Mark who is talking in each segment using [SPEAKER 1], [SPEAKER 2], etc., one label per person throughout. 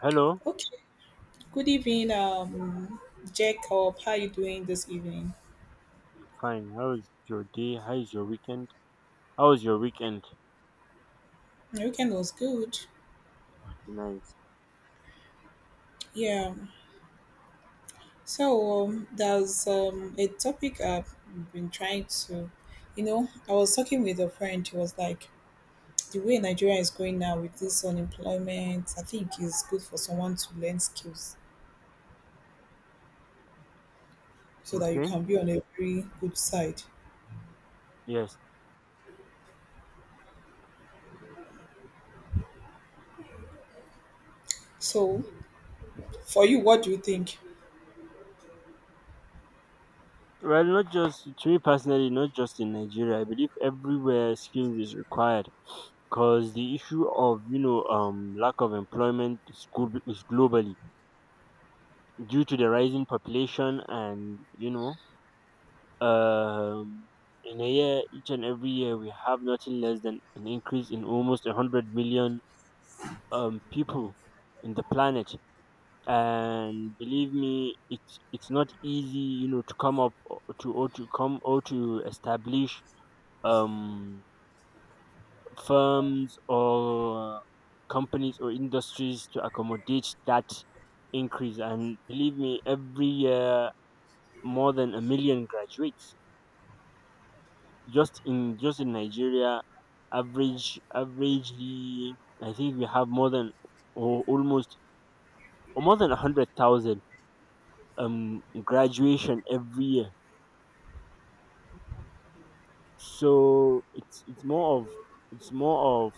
[SPEAKER 1] Hello,
[SPEAKER 2] Okay. Good evening, Jacob. How you doing this evening?
[SPEAKER 1] fine. How is your day? How is your weekend? How was your weekend?
[SPEAKER 2] My weekend was good.
[SPEAKER 1] Nice.
[SPEAKER 2] Yeah. So there's a topic I've been trying to, I was talking with a friend. He was like, the way Nigeria is going now with this unemployment, I think it's good for someone to learn skills so that you
[SPEAKER 1] Okay.
[SPEAKER 2] can be on a very good side.
[SPEAKER 1] Yes.
[SPEAKER 2] So, for you, what do you think?
[SPEAKER 1] Well, not just to me personally, not just in Nigeria. I believe everywhere skills is required because the issue of lack of employment is, globally due to the rising population and um in a year each and every year we have nothing less than an increase in almost 100 million people in the planet. And believe me, it's not easy, to come up, or to establish um firms or companies or industries to accommodate that increase. And believe me, every year, more than a million graduates, just in Nigeria. Averagely, I think we have more than, or almost, or more than 100,000 graduation every year. So it's more of it's more of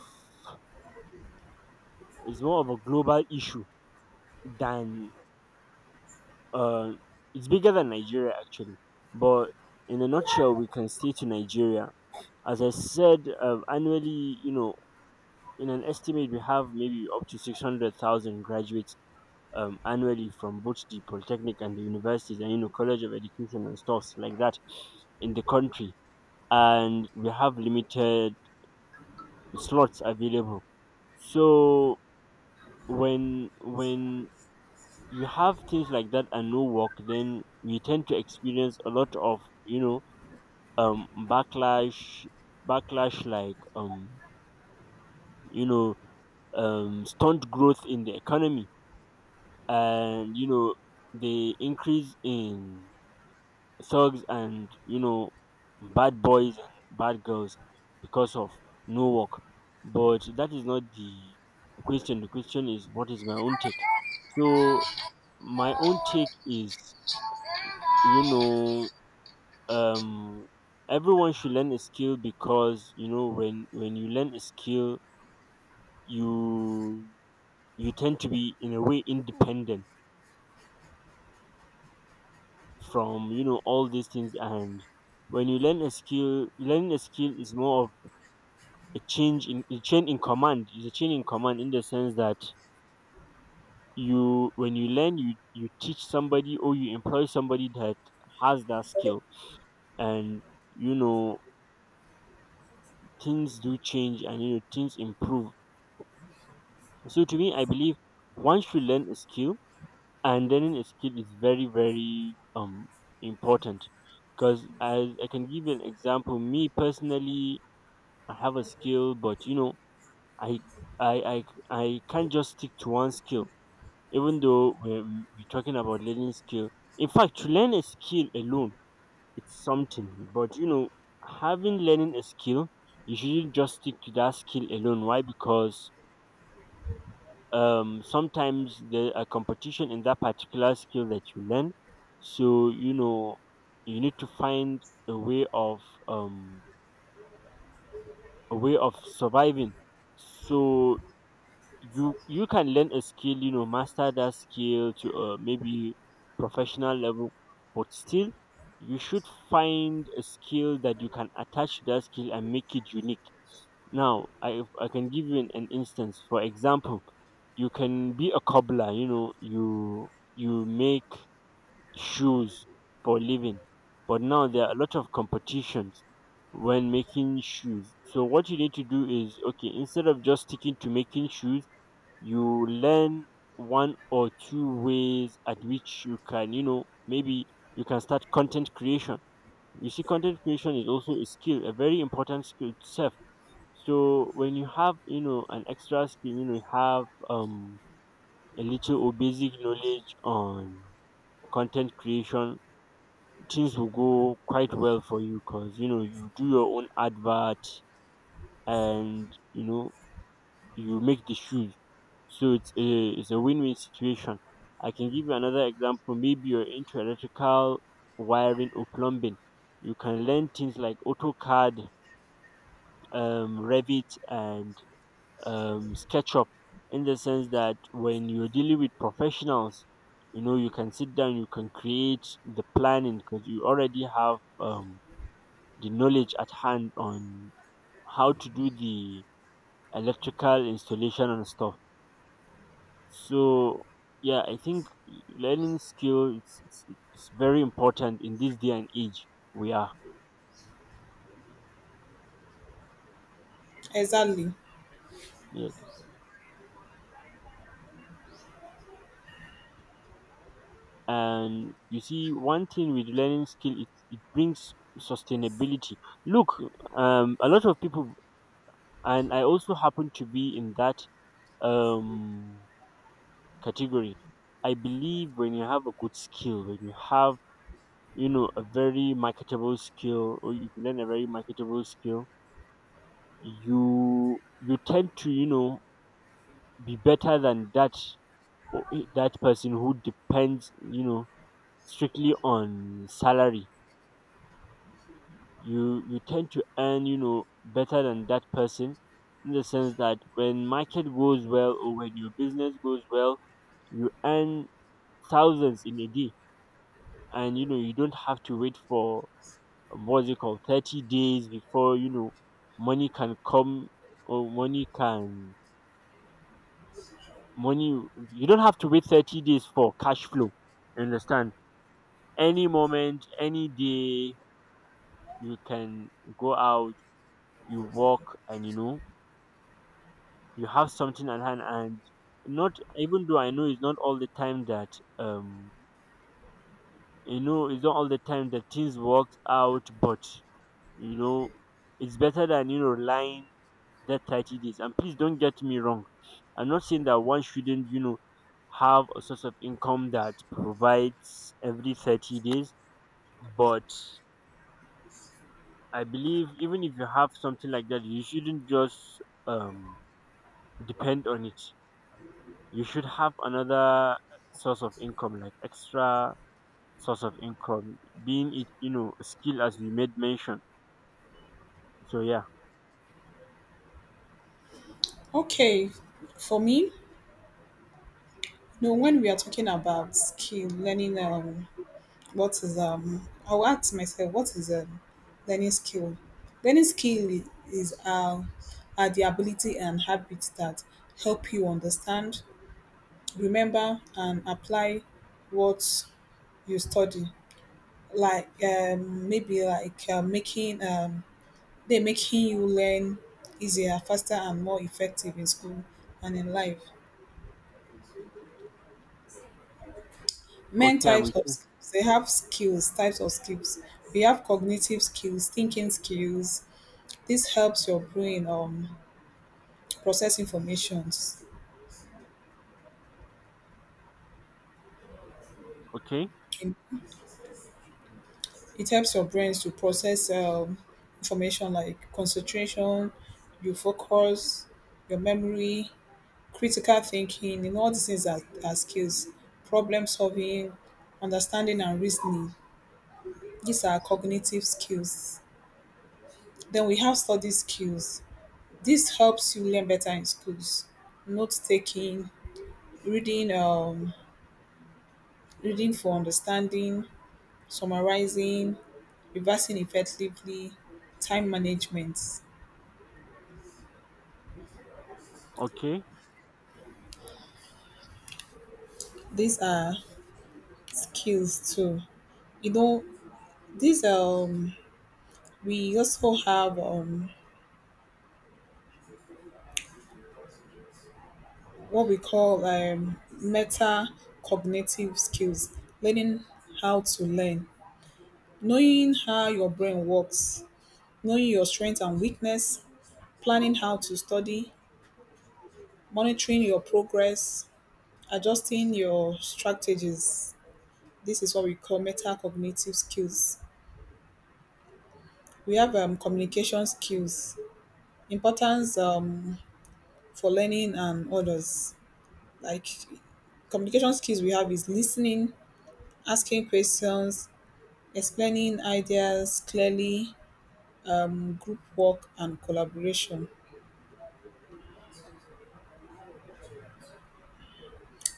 [SPEAKER 1] it's more of a global issue than, uh it's bigger than Nigeria, actually. But in a nutshell, we can stay to Nigeria. As I said, annually, in an estimate, we have maybe up to 600,000 graduates, annually, from both the polytechnic and the universities, and college of education and stuffs like that in the country, and we have limited slots available. So when you have things like that and no work, then we tend to experience a lot of, backlash. Like, you know stunt growth in the economy, and the increase in thugs, and bad boys and bad girls, because of no work. But that is not the question. The question is, what is my own take? So my own take is, you know um everyone should learn a skill, because when you learn a skill, you you tend to be, in a way, independent from, all these things. And when you learn a skill, learning a skill is more of a chain in command. It's a chain in command in the sense that, you when you learn, you teach somebody, or you employ somebody that has that skill. And, you know things do change, and things improve. So to me, I believe one should learn a skill, and learning a skill is very very important. Because, as I can give you an example, me personally, I have a skill, but I I I I can't just stick to one skill. Even though we're talking about learning skill, in fact, to learn a skill alone, it's something. But having learning a skill, you shouldn't just stick to that skill alone. Why? Because sometimes there are competition in that particular skill that you learn. So you need to find a way of, um surviving. So you can learn a skill, master that skill to, maybe professional level, but still you should find a skill that you can attach to that skill and make it unique. Now, I can give you an instance. For example, you can be a cobbler, you make shoes for a living. But now there are a lot of competitions when making shoes. So what you need to do is, okay, instead of just sticking to making shoes, you learn one or two ways at which you can, maybe you can start content creation. You see, content creation is also a skill, a very important skill itself. So when you have, an extra skill, you have, a little or basic knowledge on content creation, things will go quite well for you, because you do your own advert, and you make the shoes. So it's a win-win situation. I can give you another example. Maybe you're into electrical wiring or plumbing. You can learn things like AutoCAD, Revit, and sketch up, in the sense that when you're dealing with professionals, you can sit down, you can create the planning, because you already have, the knowledge at hand on how to do the electrical installation and stuff. So, yeah, I think learning skill, it's very important in this day and age we are.
[SPEAKER 2] Exactly.
[SPEAKER 1] Yeah. And you see, one thing with learning skill, it brings sustainability. Look, a lot of people, and I also happen to be in that um category. I believe when you have a good skill, when you have, a very marketable skill, or you learn a very marketable skill, you tend to, be better than that person who depends, strictly on salary. You tend to earn, better than that person, in the sense that when market goes well, or when your business goes well, you earn thousands in a day. And you don't have to wait for, what's it called, 30 days, before money can come. Or money can money You don't have to wait 30 days for cash flow. You understand, any moment, any day, you can go out, you walk, and you have something at hand. And not, even though I know it's not all the time that, um things work out. But you know it's better than, relying that 30 days. And please don't get me wrong, I'm not saying that one shouldn't, have a source of income that provides every 30 days. But I believe even if you have something like that, you shouldn't just, um depend on it. You should have another source of income, like extra source of income, being it, a skill, as we made mention. So yeah.
[SPEAKER 2] Okay, for me, when we are talking about skill, learning, what is I'll ask myself, what is learning skill? Learning skill is are the ability and habits that help you understand, remember, and apply what you study. Like maybe like making they making you learn easier, faster, and more effective in school and in life. Men
[SPEAKER 1] Okay, I'm
[SPEAKER 2] types
[SPEAKER 1] with
[SPEAKER 2] of
[SPEAKER 1] you.
[SPEAKER 2] skills. They have skills, types of skills. We have cognitive skills, thinking skills. This helps your brain process information.
[SPEAKER 1] Okay,
[SPEAKER 2] It it helps your brains to process information like concentration, your focus, your memory, critical thinking, and all these things are skills. Problem solving, understanding and reasoning. These are cognitive skills. Then we have study skills. This helps you learn better in schools. Note taking, reading, reading for understanding, summarizing, reversing effectively, time management.
[SPEAKER 1] okay,
[SPEAKER 2] These are skills too. You know, these we also have what we call meta cognitive skills, learning how to learn, knowing how your brain works, knowing your strengths and weakness, planning how to study, monitoring your progress, adjusting your strategies. This is what we call metacognitive skills. We have communication skills, importance for learning and others. Like communication skills we have is listening, asking questions, explaining ideas clearly, group work, and collaboration.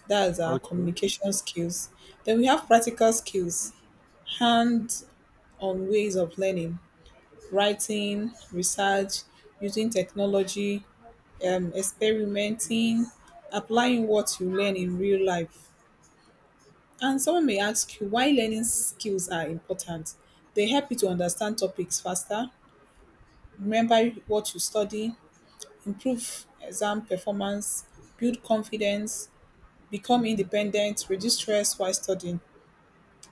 [SPEAKER 2] That's our
[SPEAKER 1] okay.
[SPEAKER 2] communication skills. Then we have practical skills, hand on ways of learning, writing, research, using technology, experimenting, applying what you learn in real life. And someone may ask you why learning skills are important. They help you to understand topics faster, remember what you study, improve exam performance, build confidence, become independent, reduce stress while studying.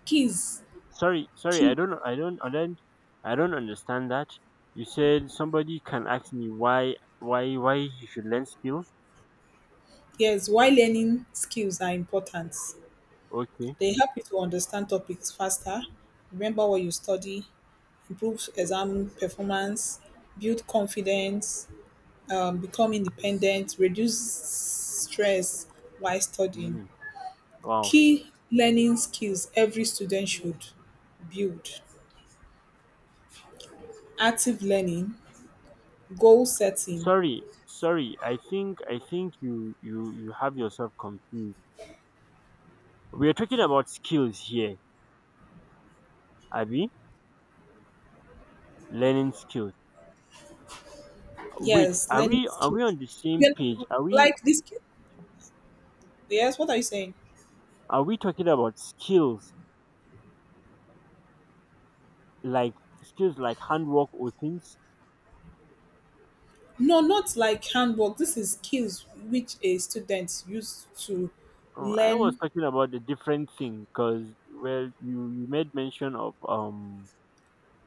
[SPEAKER 2] Keys,
[SPEAKER 1] Sorry, sorry, I
[SPEAKER 2] key,
[SPEAKER 1] don't, I don't, I don't, I don't understand that. You said somebody can ask me, why he should learn skill.
[SPEAKER 2] yes, why learning skills are important.
[SPEAKER 1] Okay.
[SPEAKER 2] They help you to understand topics faster, remember what you study, improve exam performance, build confidence, become independent, reduce stress while studying.
[SPEAKER 1] Mm, wow.
[SPEAKER 2] Key learning skills every student should build active learning, goal setting.
[SPEAKER 1] Sorry, sorry. I think you have yourself confused. We are talking about skills here, Abby, learning skills. Wait,
[SPEAKER 2] Yes,
[SPEAKER 1] are
[SPEAKER 2] learning
[SPEAKER 1] we are we
[SPEAKER 2] skills.
[SPEAKER 1] on the same
[SPEAKER 2] Yeah,
[SPEAKER 1] page? Are we
[SPEAKER 2] like this. Yes, what are you saying?
[SPEAKER 1] are we talking about skills, like skills like handwork, or things?
[SPEAKER 2] No, not like handwork. This is skills which a student used to
[SPEAKER 1] Oh, I was
[SPEAKER 2] learn.
[SPEAKER 1] talking about a different thing, because, well, you made mention of,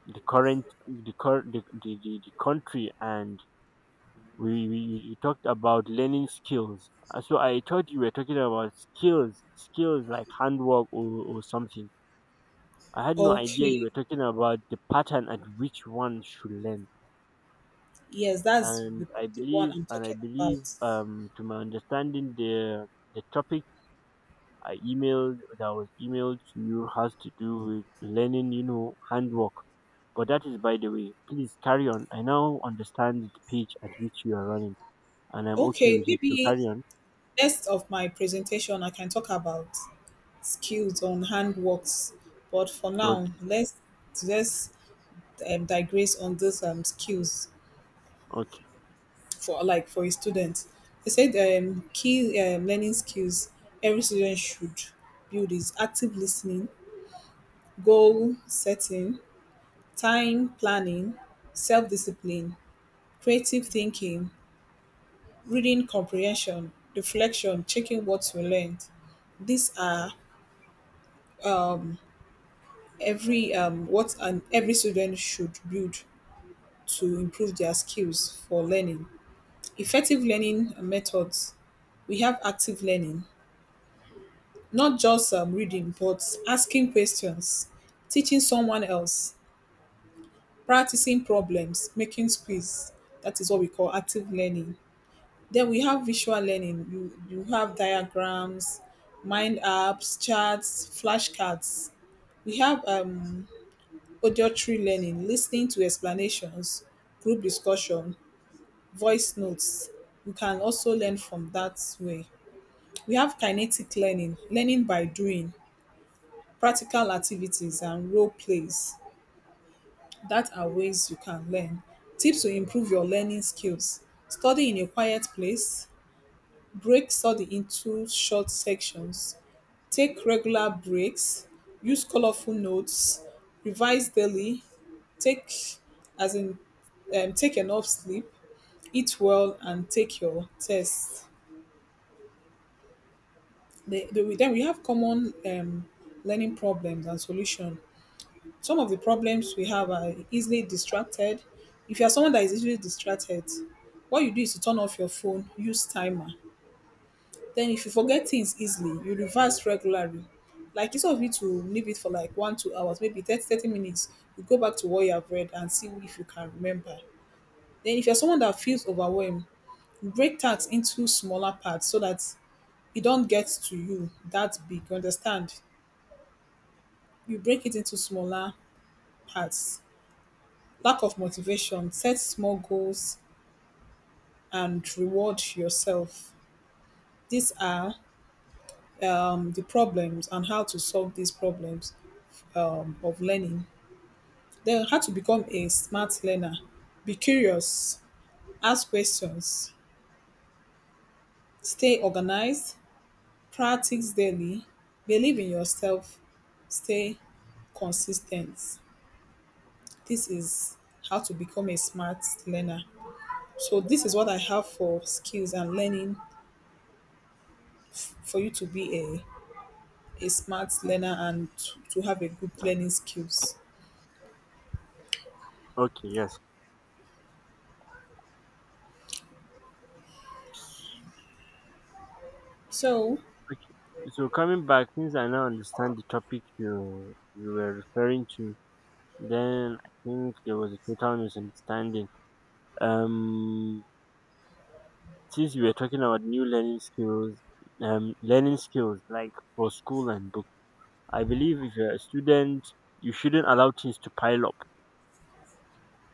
[SPEAKER 1] the current the cur- the country, and we you you talked about learning skills. So I thought you were talking about skills like handwork, or, something. I had no idea you
[SPEAKER 2] Okay,
[SPEAKER 1] were talking about the pattern at which one should learn.
[SPEAKER 2] yes, that's the
[SPEAKER 1] And I
[SPEAKER 2] the one
[SPEAKER 1] believe,
[SPEAKER 2] I'm talking about.
[SPEAKER 1] to my understanding, the topic I emailed that was emailed to you has to do with learning, handwork. But that is by the way. Please carry on. I now understand the page at which you are running, and I'm okay
[SPEAKER 2] Okay,
[SPEAKER 1] with it. So
[SPEAKER 2] maybe
[SPEAKER 1] carry on.
[SPEAKER 2] next of my presentation, I can talk about skills on handworks. But for now,
[SPEAKER 1] Okay,
[SPEAKER 2] let's digress on this skills
[SPEAKER 1] okay,
[SPEAKER 2] for like for a student. They said key learning skills every student should build is active listening, goal setting, time planning, self discipline, creative thinking, reading comprehension, reflection, checking what we learned. These are every what an every student should build to improve their skills for learning. Effective learning methods. We have active learning, not just reading, but asking questions, teaching someone else, practicing problems, making quiz. That is what we call active learning. Then we have visual learning. You have diagrams, mind apps, charts, flashcards. We have auditory learning, listening to explanations, group discussion, voice notes. You can also learn from that way. We have kinetic learning, learning by doing, practical activities and role plays. That are ways you can learn. Tips to improve your learning skills. Study in a quiet place. Break study into short sections. Take regular breaks, use colorful notes, revise daily, take as in take enough sleep, eat well, and take your tests. Then we have common learning problems and solution. Some of the problems we have are easily distracted. If you are someone that is easily distracted, what you do is to turn off your phone, use timer. Then if you forget things easily, you reverse regularly. Like instead of you to leave it for like one, 2 hours, maybe thirty minutes, you go back to what you have read and see if you can remember. Then if you're someone that feels overwhelmed, break tasks into smaller parts so that it don't get to you that big. You understand? You break it into smaller parts. Lack of motivation, set small goals and reward yourself. These are the problems and how to solve these problems of learning. Then how to become a smart learner. Be curious, ask questions, stay organized, practice daily, believe in yourself, stay consistent. This is how to become a smart learner. So this is what I have for skills and learning for you to be a smart learner and to have a good learning skills.
[SPEAKER 1] okay, yes.
[SPEAKER 2] So
[SPEAKER 1] Okay. So coming back, since I now understand the topic you were referring to, then I think there was a total misunderstanding. Um since you were talking about new learning skills like for school and book, I believe if you're a student, you shouldn't allow things to pile up.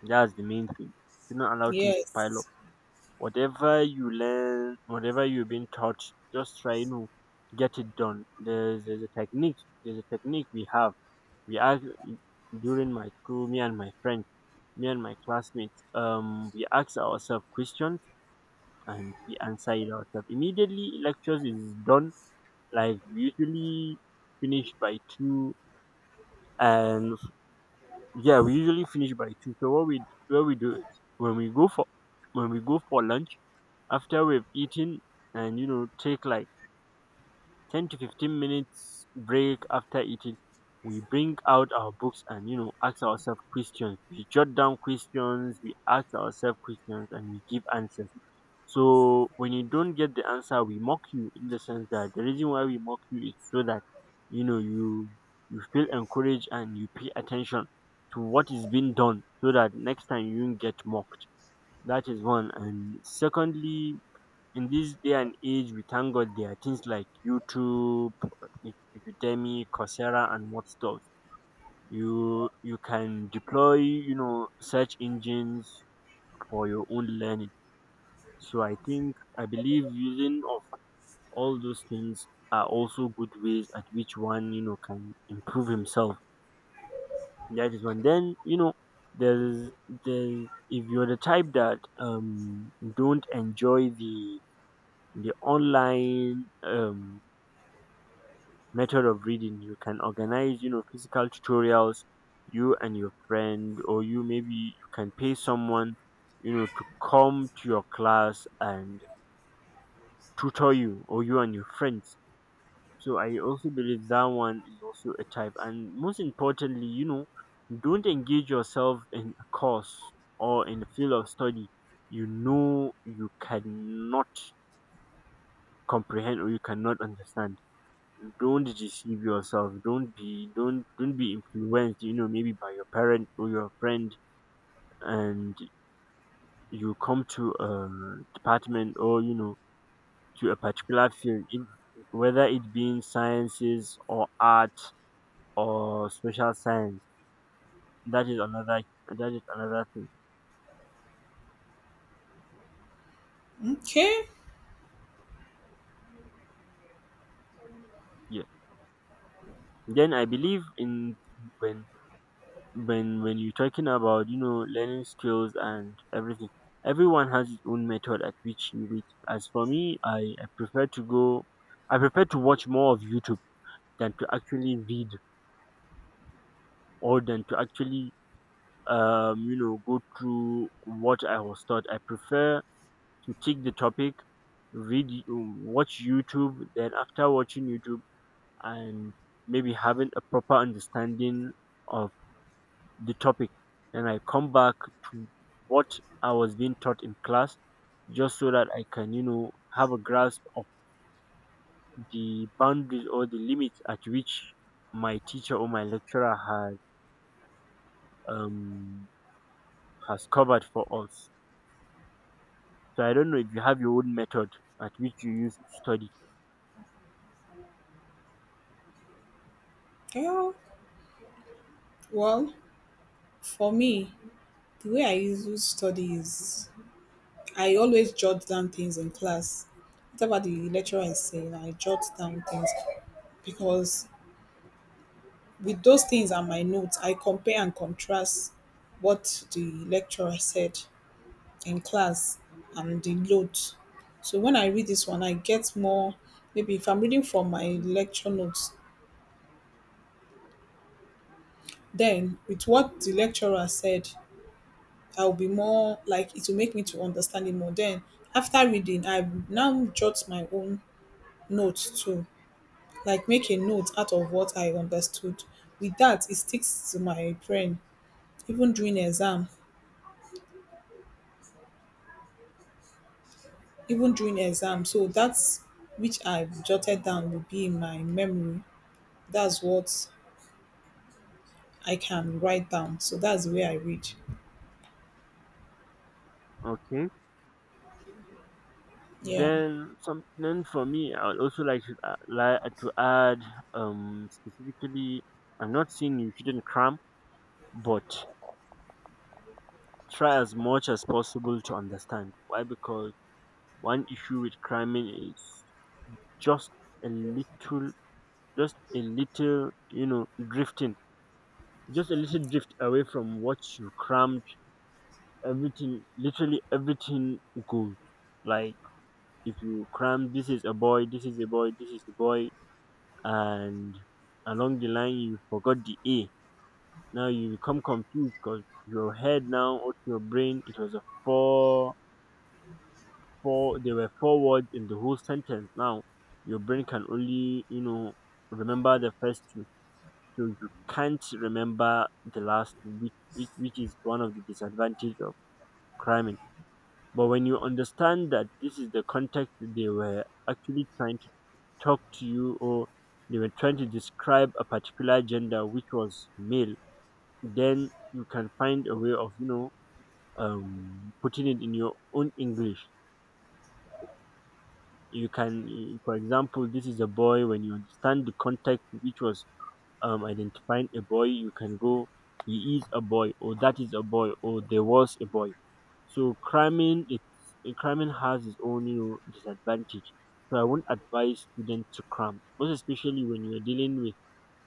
[SPEAKER 1] That's the main thing. You don't allow things to pile up.
[SPEAKER 2] yes.
[SPEAKER 1] Whatever you learn, whatever you've been taught, just try to get it done. There's a technique. There's a technique we have. We ask During my school, me and my classmates, we ask ourselves questions, and we answer it ourselves. Immediately lectures is done, like we usually finish by two, and yeah, we usually finish by two. So what we do is, when we go for when we go for lunch. After we've eaten, and take like 10 to 15 minutes break after eating, we bring out our books and ask ourselves questions. We jot down questions, we ask ourselves questions, and we give answers. So when you don't get the answer, we mock you, in the sense that the reason why we mock you is so that, you know you you feel encouraged, and you pay attention to what is being done, so that next time you won't get mocked. That is one. And secondly, in this day and age, we thank God there are things like YouTube, E-, Udemy, Coursera, and what stuff. You can deploy, search engines for your own learning. So I think I believe using of all those things are also good ways at which one can improve himself. That is one. Then, there's there's if you're the type that don't enjoy the online method of reading, you can organize, physical tutorials, you and your friend, or you, maybe you can pay someone, to come to your class and tutor you, or you and your friends. So I also believe that one is also a type. And most importantly, don't engage yourself in a course or in a field of study you cannot comprehend or you cannot understand. Don't deceive yourself. Don't be influenced, maybe by your parent or your friend, and you come to a department, or to a particular field, whether it being sciences or art or social science. That is another that is another thing.
[SPEAKER 2] Okay.
[SPEAKER 1] Yeah. Then I believe in, when when you're talking about learning skills and everything, everyone has his own method at which you reach. As for me, I prefer to go. I prefer to watch more of YouTube than to actually read, or than to actually go through what I was taught. I prefer to take the topic, read, watch YouTube, then after watching YouTube and maybe having a proper understanding of the topic, and I come back to what I was being taught in class just so that I can, have a grasp of the boundaries or the limits at which my teacher or my lecturer um has covered for us. So I don't know if you have your own method at which you use to study.
[SPEAKER 2] Girl. Well, for me, the way I usually study is I always jot down things in class. Whatever the lecturer is saying, I jot down things because with those things are my notes, I compare and contrast what the lecturer said in class and the notes. So when I read this one, I get more. Maybe if I'm reading from my lecture notes, then with what the lecturer said I'll be more like it will make me to understand it more. Then after reading, I now jot my own notes too, like make a note out of what I understood. With that, it sticks to my brain even during exam, even during exam. So that's which I jotted down will be in my memory. That's what I can write down. So that's the way I read.
[SPEAKER 1] Okay.
[SPEAKER 2] Yeah.
[SPEAKER 1] Then something for me, I would also like to add, specifically, I'm not saying you shouldn't cram, but try as much as possible to understand. Why? Because one issue with cramming is just a little, just a little, drifting. Just a little drift away from what you crammed. Everything, literally everything goes. Like if you cram, this is a boy, this is a boy, this is a boy, and along the line you forgot the A. Now you become confused because your head now, or your brain, it was a four four there were four words in the whole sentence. Now your brain can only, remember the first two. So you can't remember the last two, which is one of the disadvantage of cramming. But when you understand that this is the context, that they were actually trying to talk to you, or they were trying to describe a particular gender which was male, then you can find a way of, putting it in your own English. For example, this is a boy, when you understand the context, which was identifying a boy, you can go, he is a boy, or that is a boy, or there was a boy. So cramming has its own, disadvantage. So I won't advise students to cram, most especially when you're dealing with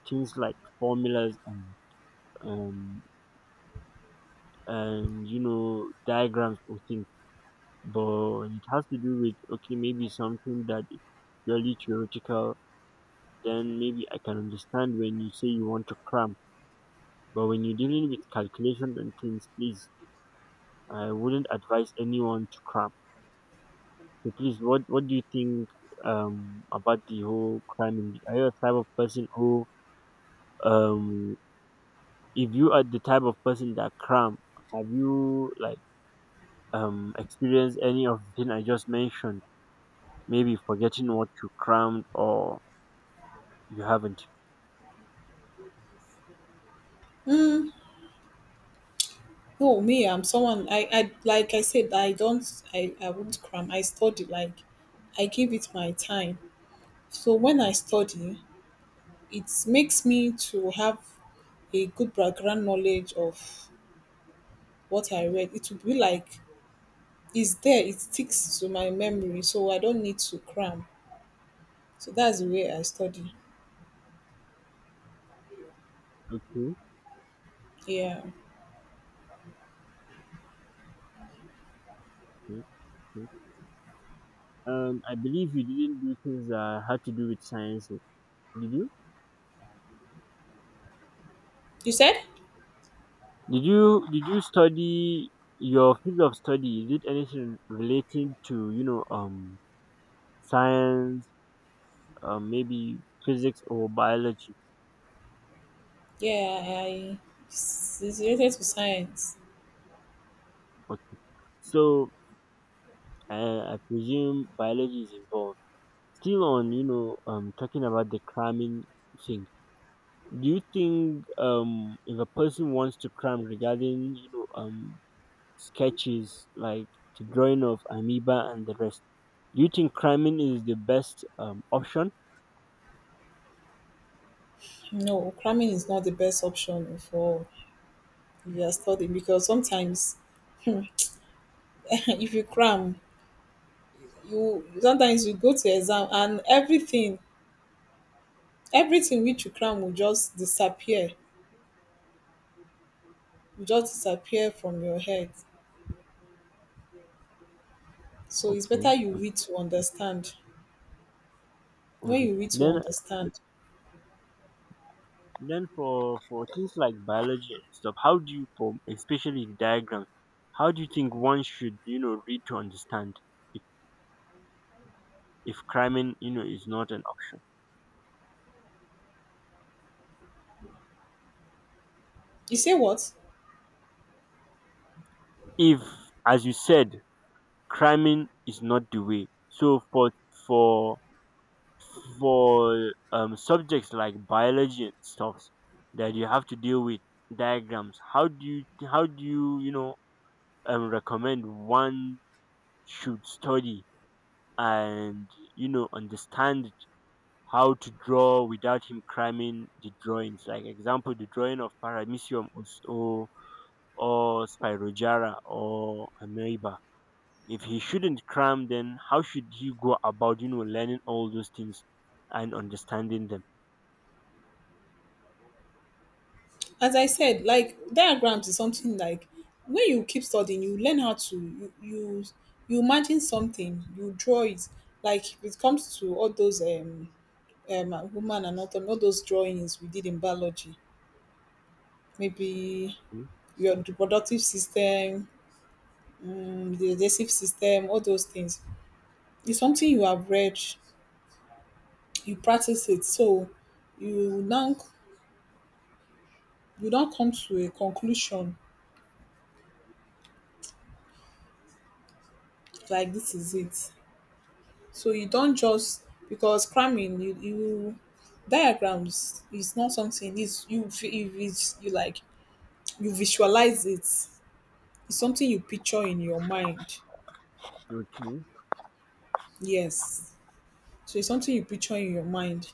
[SPEAKER 1] things like formulas, um, and diagrams or things. But when it has to do with, okay, maybe something that is purely theoretical, then maybe I can understand when you say you want to cram. But when you're dealing with calculations and things, please, I wouldn't advise anyone to cram. So please, what do you think about the whole cramming? Are you a type of person who, um if you are the type of person that cram, have you, like, experienced any of the thing I just mentioned? Maybe forgetting what you crammed, or you haven't?
[SPEAKER 2] No, me, I'm someone I like I said, I don't I wouldn't cram. I study like I give it my time. So when I study, it makes me to have a good background knowledge of what I read. It will be like it's there, it sticks to my memory, so I don't need to cram. So that's the way I study.
[SPEAKER 1] Okay,
[SPEAKER 2] Yeah.
[SPEAKER 1] okay, okay. I believe you didn't do things that had to do with sciences. Did you?
[SPEAKER 2] You said?
[SPEAKER 1] Did you study your field of study? Is it anything relating to science, maybe physics or biology?
[SPEAKER 2] Yeah, I it's related to science.
[SPEAKER 1] Okay, so I presume biology is involved. Still on, talking about the cramming thing. Do you think, if a person wants to cram regarding sketches like the drawing of amoeba and the rest, do you think cramming is the best option?
[SPEAKER 2] No, cramming is not the best option for if you are studying because sometimes if you cram, you sometimes you go to exam and everything everything which you cram will just disappear from your head. So it's better
[SPEAKER 1] Okay.
[SPEAKER 2] you read to understand. When
[SPEAKER 1] Okay.
[SPEAKER 2] you read to
[SPEAKER 1] Then
[SPEAKER 2] understand.
[SPEAKER 1] then for things like biology and stuff, how do you form especially the diagrams, how do you think one should, read to understand if if cramming, is not an option?
[SPEAKER 2] You say what?
[SPEAKER 1] If, as you said, cramming is not the way. So for for subjects like biology and stuff that you have to deal with diagrams, how do you, recommend one should study and understand how to draw without him cramming the drawings, like example the drawing of paramecium, or spirogera or amoeba. If he shouldn't cram, then how should he go about, learning all those things and understanding them?
[SPEAKER 2] As I said, like diagrams is something like when you keep studying you learn how to you imagine something you draw it. Like if it comes to all those human anatomy, all those drawings we did in biology, maybe
[SPEAKER 1] Mm,
[SPEAKER 2] your reproductive system, the digestive system, all those things, it's something you have read, you practice it, so you now, you don't come to a conclusion like this is it. So you don't just because cramming you diagrams is not something is you vi- you vis- you like you visualize it. It's something you picture in your mind.
[SPEAKER 1] okay,
[SPEAKER 2] Yes. So it's something you picture in your mind.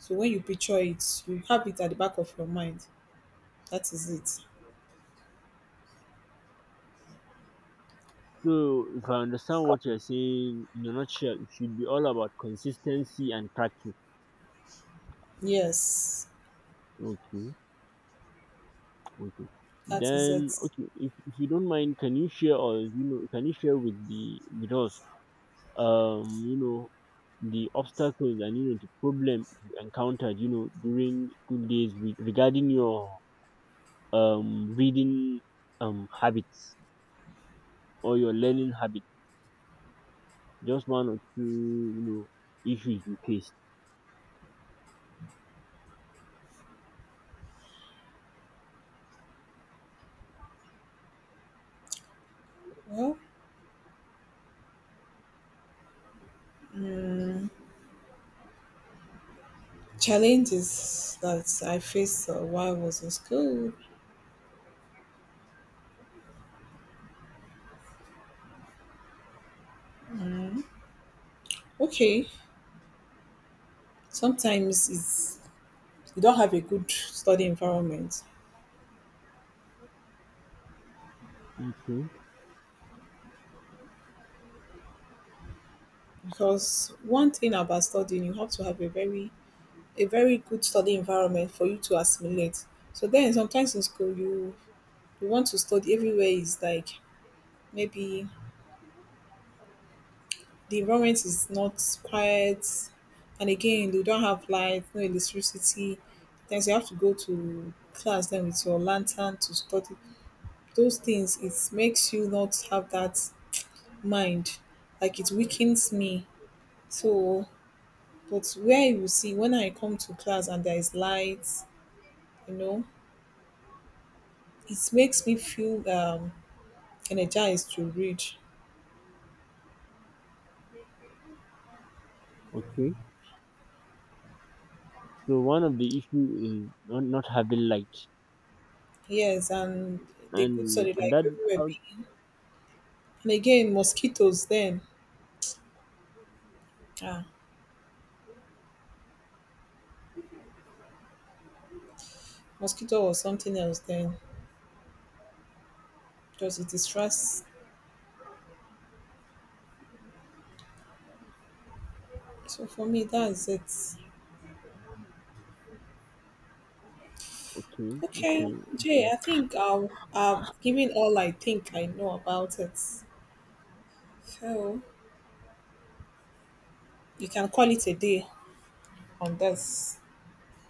[SPEAKER 2] So when you picture it, you have it at the back of your mind. That is it.
[SPEAKER 1] so if I understand what you're saying, in a nutshell it should be all about consistency and practice.
[SPEAKER 2] Yes.
[SPEAKER 1] Okay. Okay.
[SPEAKER 2] That is
[SPEAKER 1] Then,
[SPEAKER 2] it.
[SPEAKER 1] okay, if you don't mind, can you share, or can you share with the with us um you know the obstacles and the problem you encountered during school days with, regarding your reading habits, or your learning habits? Just one or two, issues you faced.
[SPEAKER 2] Well, challenges that I faced while I was in school. Okay, sometimes it's you don't have a good study environment
[SPEAKER 1] Okay,
[SPEAKER 2] because one thing about studying, you have to have a very good study environment for you to assimilate. So then sometimes in school you want to study everywhere is like maybe the environment is not quiet, and again you don't have light, no electricity. Then you have to go to class then with your lantern to study. Those things, it makes you not have that mind, like it weakens me. So, but where you see, when I come to class and there is lights, you know, it makes me feel energized to read.
[SPEAKER 1] okay. So one of the issue is not having light,
[SPEAKER 2] Yes, and the good
[SPEAKER 1] and
[SPEAKER 2] study
[SPEAKER 1] and
[SPEAKER 2] like
[SPEAKER 1] that.
[SPEAKER 2] everywhere
[SPEAKER 1] How?
[SPEAKER 2] big, and again mosquitoes, then ah, mosquito or something else, then because it distracts. So for me, that's it.
[SPEAKER 1] Okay,
[SPEAKER 2] Okay,
[SPEAKER 1] okay,
[SPEAKER 2] Jay,
[SPEAKER 1] okay.
[SPEAKER 2] I think I've given all I think I know about it. So you can call it a day on this.